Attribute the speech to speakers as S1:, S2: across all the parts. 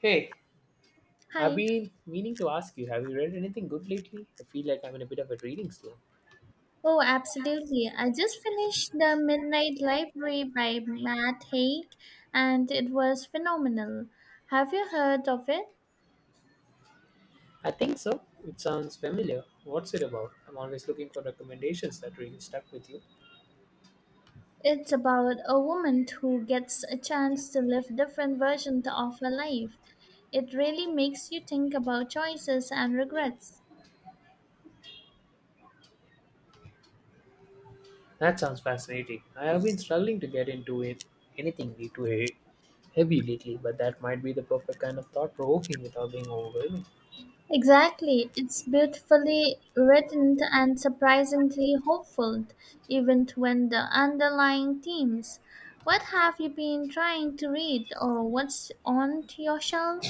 S1: Hey, I've
S2: Hi.
S1: been meaning to ask you, have you read anything good lately? I feel like I'm in a bit of a reading slump.
S2: Oh, absolutely. I just finished The Midnight Library by Matt Haig, and it was phenomenal. Have you heard of it?
S1: I think so. It sounds familiar. What's it about? I'm always looking for recommendations that really stuck with you.
S2: It's about a woman who gets a chance to live different versions of her life. It really makes you think about choices and regrets.
S1: That sounds fascinating. I have been struggling to get into it, anything way too heavy lately, but that might be the perfect kind of thought provoking without being overwhelming.
S2: Exactly. It's beautifully written and surprisingly hopeful, even when the underlying themes. What have you been trying to read, or what's on your shelf?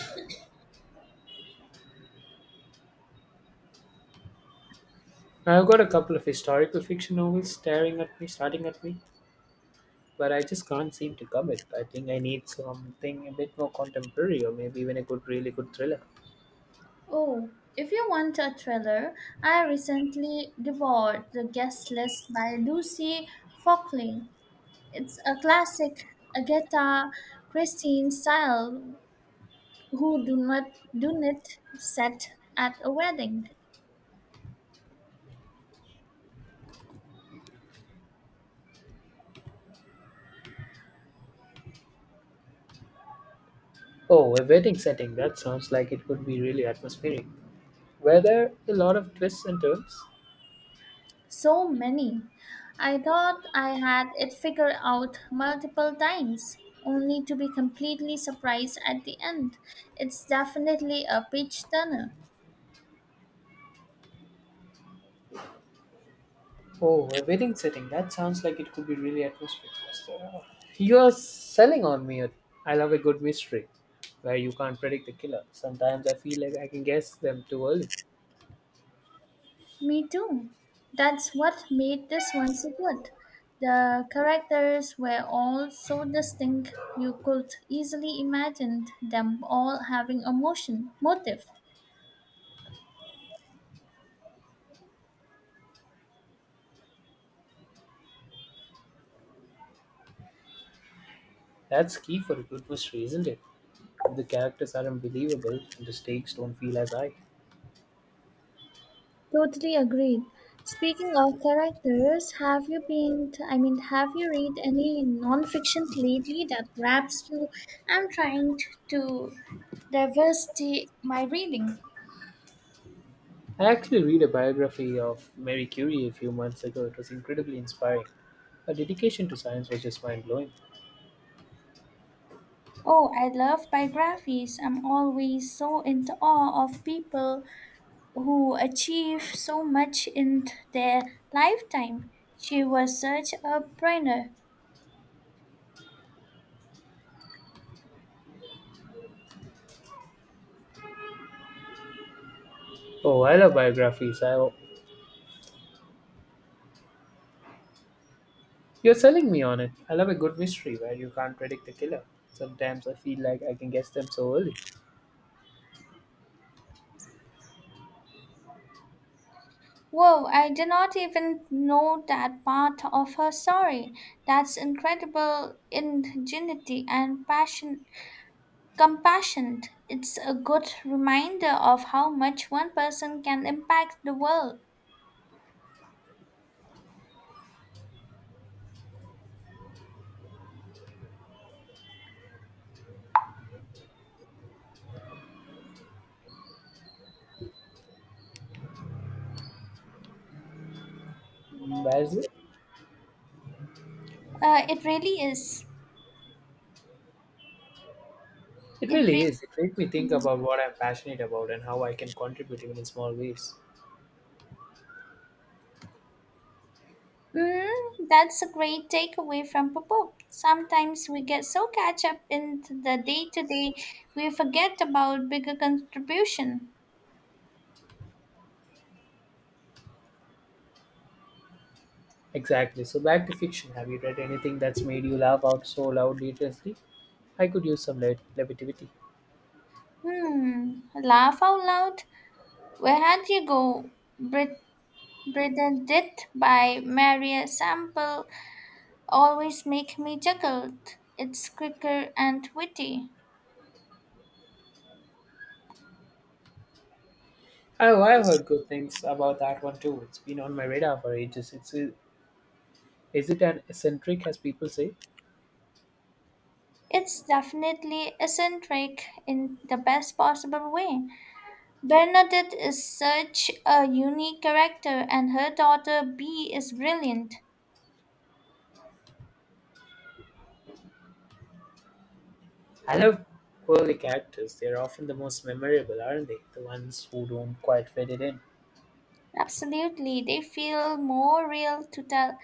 S1: I've got a couple of historical fiction novels staring at me, starting at me, but I just can't seem to commit. I think I need something a bit more contemporary or maybe even a good, really good thriller.
S2: Oh, if you want a thriller, I recently devoured The Guest List by Lucy Fockley. It's a classic Agatha Christie style who do not set at a wedding.
S1: Oh, a wedding setting. That sounds like it could be really atmospheric. Were there a lot of twists and turns?
S2: So many. I thought I had it figured out multiple times, only to be completely surprised at the end. It's definitely a page turner.
S1: Oh, a wedding setting. That sounds like it could be really atmospheric. You're selling on me. I love a good mystery where you can't predict the killer. Sometimes I feel like I can guess them too early.
S2: Me too. That's what made this one so good. The characters were all so distinct, you could easily imagine them all having a motion, motive.
S1: That's key for a good mystery, isn't it? If the characters aren't believable, the stakes don't feel as high.
S2: Totally agreed. Speaking of characters, have you been, I mean, have you read any nonfiction lately that grabs you? I'm trying to diversify my reading.
S1: I actually read a biography of Marie Curie a few months ago. It was incredibly inspiring. Her dedication to science was just mind blowing.
S2: Oh, I love biographies. I'm always so into awe of people who achieve so much in their lifetime. She was such a brainer.
S1: Oh, I love biographies. You're selling me on it. I love a good mystery where you can't predict the killer. Sometimes I feel like I can guess them so early.
S2: Whoa, I did not even know that part of her story. That's incredible ingenuity and passion compassion. It's a good reminder of how much one person can impact the world.
S1: Embarrassing?
S2: It really is.
S1: It
S2: It
S1: really is. It
S2: really
S1: makes me think
S2: is.
S1: about what I'm passionate about and how I can contribute even in small ways.
S2: That's a great takeaway from the book. Sometimes we get so catch up in the day to day, we forget about bigger contribution.
S1: Exactly. So back to fiction. Have you read anything that's made you laugh out so loud recently? I could use some levity.
S2: Laugh out loud. Where had you go? Brit- Bernadette by Maria Sample always make me chuckle. It's quicker and witty.
S1: Oh, I've heard good things about that one too. It's been on my radar for ages. Is it an eccentric, as people say?
S2: It's definitely eccentric in the best possible way. Bernadette is such a unique character, and her daughter Bee is brilliant.
S1: I love quirky characters. They're often the most memorable, aren't they? The ones who don't quite fit it in.
S2: Absolutely, they feel more real to tell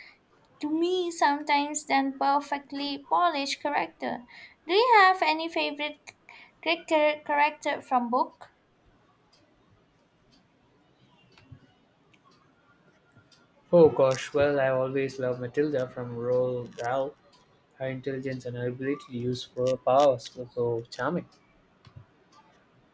S2: to me sometimes than perfectly polished character. Do you have any favorite character from book?
S1: Oh gosh, well, I always loved Matilda from Roald Dahl. Her intelligence and her ability to use her powers were so charming.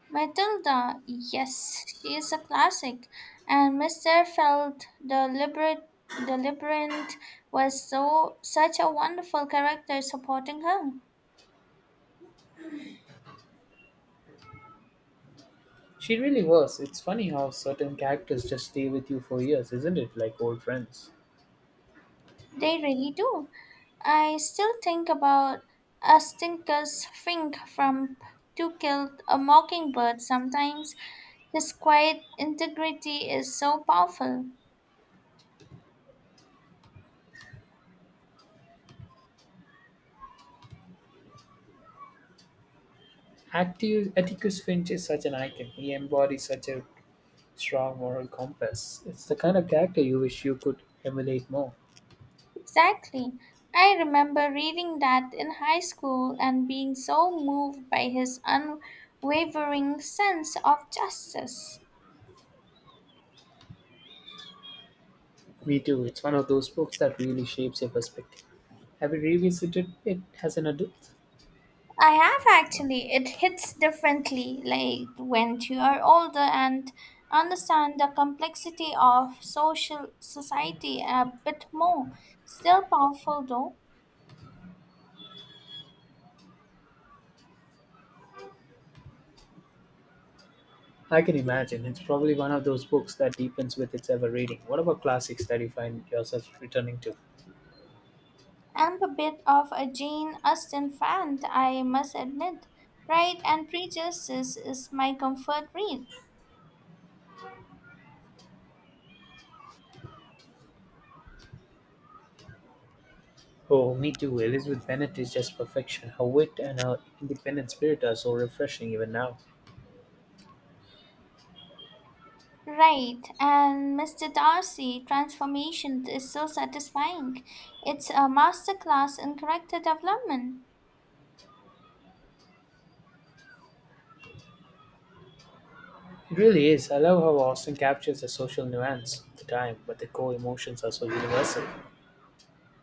S2: Matilda, yes, she is a classic, and Mister felt the liberate the Liberant was so such a wonderful character supporting her.
S1: She really was. It's funny how certain characters just stay with you for years, isn't it? Like old friends.
S2: They really do. I still think about a stinker's fink from To Kill a Mockingbird sometimes. His quiet integrity is so powerful.
S1: Atticus Finch is such an icon. He embodies such a strong moral compass. It's the kind of character you wish you could emulate more.
S2: Exactly. I remember reading that in high school and being so moved by his unwavering sense of justice.
S1: Me too. It's one of those books that really shapes your perspective. Have you revisited it as an adult?
S2: I have actually. It hits differently, like when you are older and understand the complexity of social society a bit more. Still powerful though.
S1: I can imagine. It's probably one of those books that deepens with its ever reading. What about classics that you find yourself returning to?
S2: I'm a bit of a Jane Austen fan, I must admit. Pride and Prejudice is my comfort read.
S1: Oh, me too. Elizabeth Bennet is just perfection. Her wit and her independent spirit are so refreshing even now.
S2: Right, and Mr. Darcy transformation is so satisfying. It's a masterclass in character development.
S1: It really is. I love how Austin captures the social nuance of the time, but the core emotions are so universal.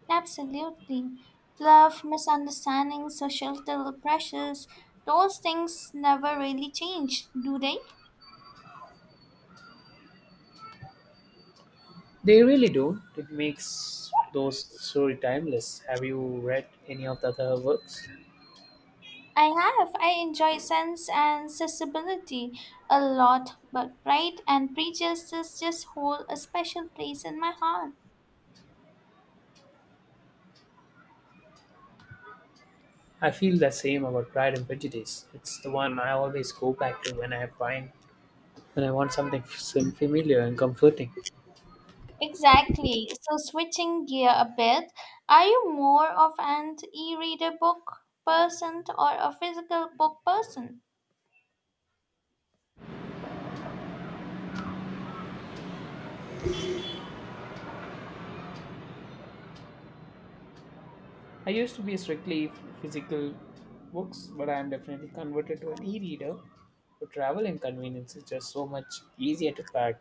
S2: Absolutely. Love, misunderstanding, societal pressures, those things never really change, do they?
S1: They really do. It makes those story timeless. Have you read any of the other works?
S2: I have. I enjoy sense and sensibility a lot, but pride and prejudice just hold a special place in my heart.
S1: I feel the same about Pride and Prejudice. It's the one I always go back to when I find when I want something familiar and comforting.
S2: Exactly. So switching gear a bit, are you more of an e-reader book person or a physical book person?
S1: I used to be strictly physical books, but I am definitely converted to an e-reader. For travel and convenience, it's just so much easier to pack.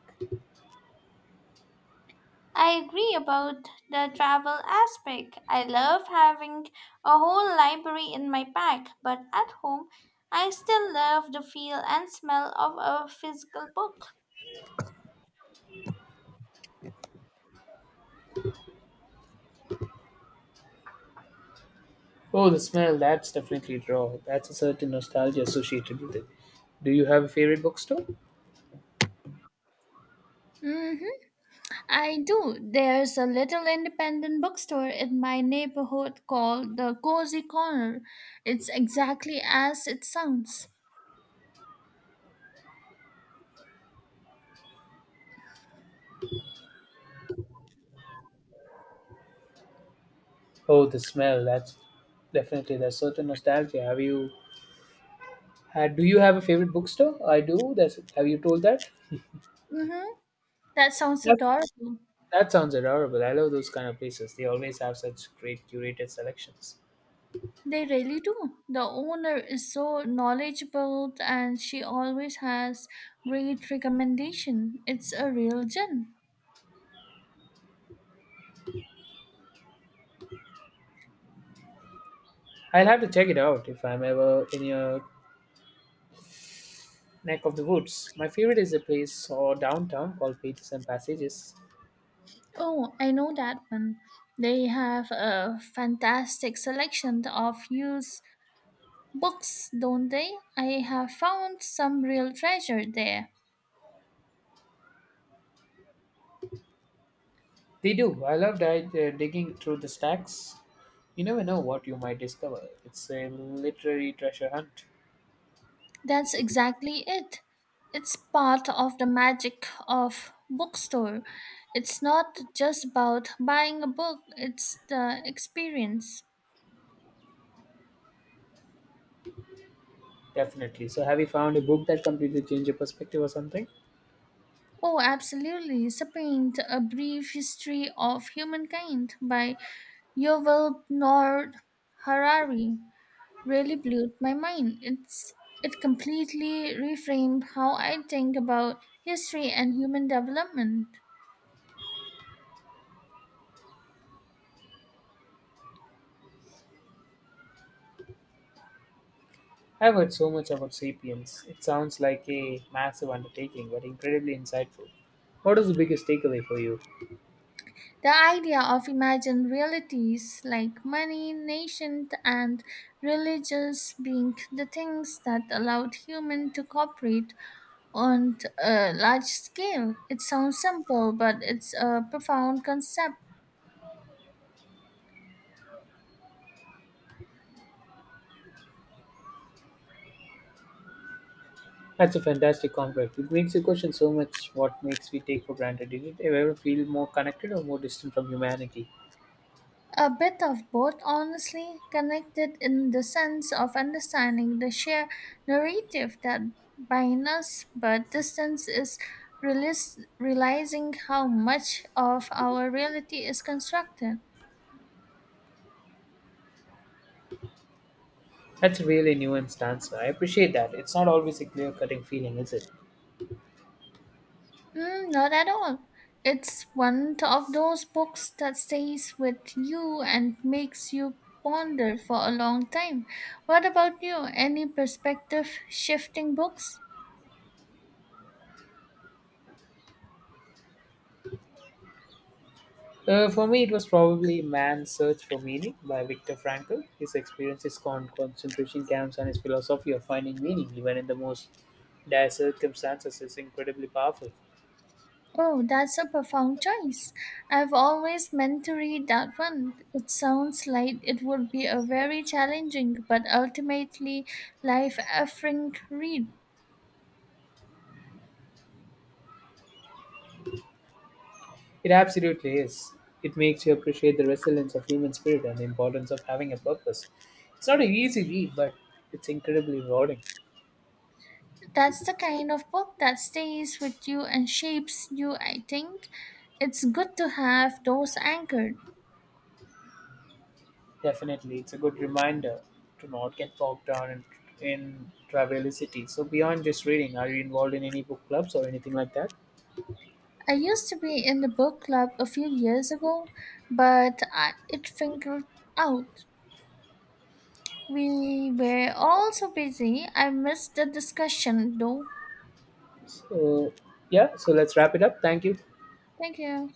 S2: I agree about the travel aspect. I love having a whole library in my bag, but at home, I still love the feel and smell of a physical book.
S1: Oh, the smell, that's definitely raw. That's a certain nostalgia associated with it. Do you have a favorite bookstore?
S2: Mm-hmm. I do. There's a little independent bookstore in my neighborhood called the Cozy Corner. It's exactly as it sounds.
S1: Oh, the smell. That's definitely there's certain nostalgia. Have you had? Do you have a favorite bookstore? I do. That's. Have you told that?
S2: Mm-hmm. That sounds
S1: That
S2: adorable.
S1: that sounds adorable. I love those kind of places. They always have such great curated selections.
S2: They really do. The owner is so knowledgeable and she always has great recommendation. It's a real gem.
S1: I'll have to check it out if I'm ever in your neck of the woods. My favorite is a place or downtown called Pages and Passages.
S2: Oh, I know that one. They have a fantastic selection of used books, don't they? I have found some real treasure there.
S1: They do. I love digging through the stacks. You never know what you might discover. It's a literary treasure hunt.
S2: That's exactly it. It's part of the magic of bookstore. It's not just about buying a book, it's the experience.
S1: Definitely. So, have you found a book that completely changed your perspective or something?
S2: Oh, absolutely. Sapiens, A Brief History of Humankind by Yuval Noah Harari really blew my mind. It completely reframed how I think about history and human development.
S1: I've heard so much about Sapiens. It sounds like a massive undertaking, but incredibly insightful. What is the biggest takeaway for you?
S2: The idea of imagined realities like money, nation, and religious being the things that allowed human to cooperate on a large scale, it sounds simple, but it's a profound concept.
S1: That's a fantastic complex. It makes you question so much what makes we take for granted. Did it ever feel more connected or more distant from humanity?
S2: A bit of both, honestly, connected in the sense of understanding the shared narrative that binds us, but distance is realizing how much of our reality is constructed.
S1: That's a really nuanced answer. I appreciate that. It's not always a clear cutting feeling, is it?
S2: Mm, not at all. It's one of those books that stays with you and makes you ponder for a long time. What about you? Any perspective shifting books?
S1: For me, it was probably Man's Search for Meaning by Viktor Frankl. His experiences on concentration camps and his philosophy of finding meaning, even in the most dire circumstances, is incredibly powerful.
S2: Oh, that's a profound choice. I've always meant to read that one. It sounds like it would be a very challenging but ultimately life affirming read.
S1: It absolutely is. It makes you appreciate the resilience of human spirit and the importance of having a purpose. It's not an easy read, but it's incredibly rewarding.
S2: That's the kind of book that stays with you and shapes you, I think. It's good to have those anchored.
S1: Definitely, it's a good reminder to not get bogged down in triviality. So, beyond just reading, are you involved in any book clubs or anything like that?
S2: I used to be in the book club a few years ago, but I, it fingered out. We were all so busy. I missed the discussion though.
S1: So, yeah, so let's wrap it up. Thank you.
S2: Thank you.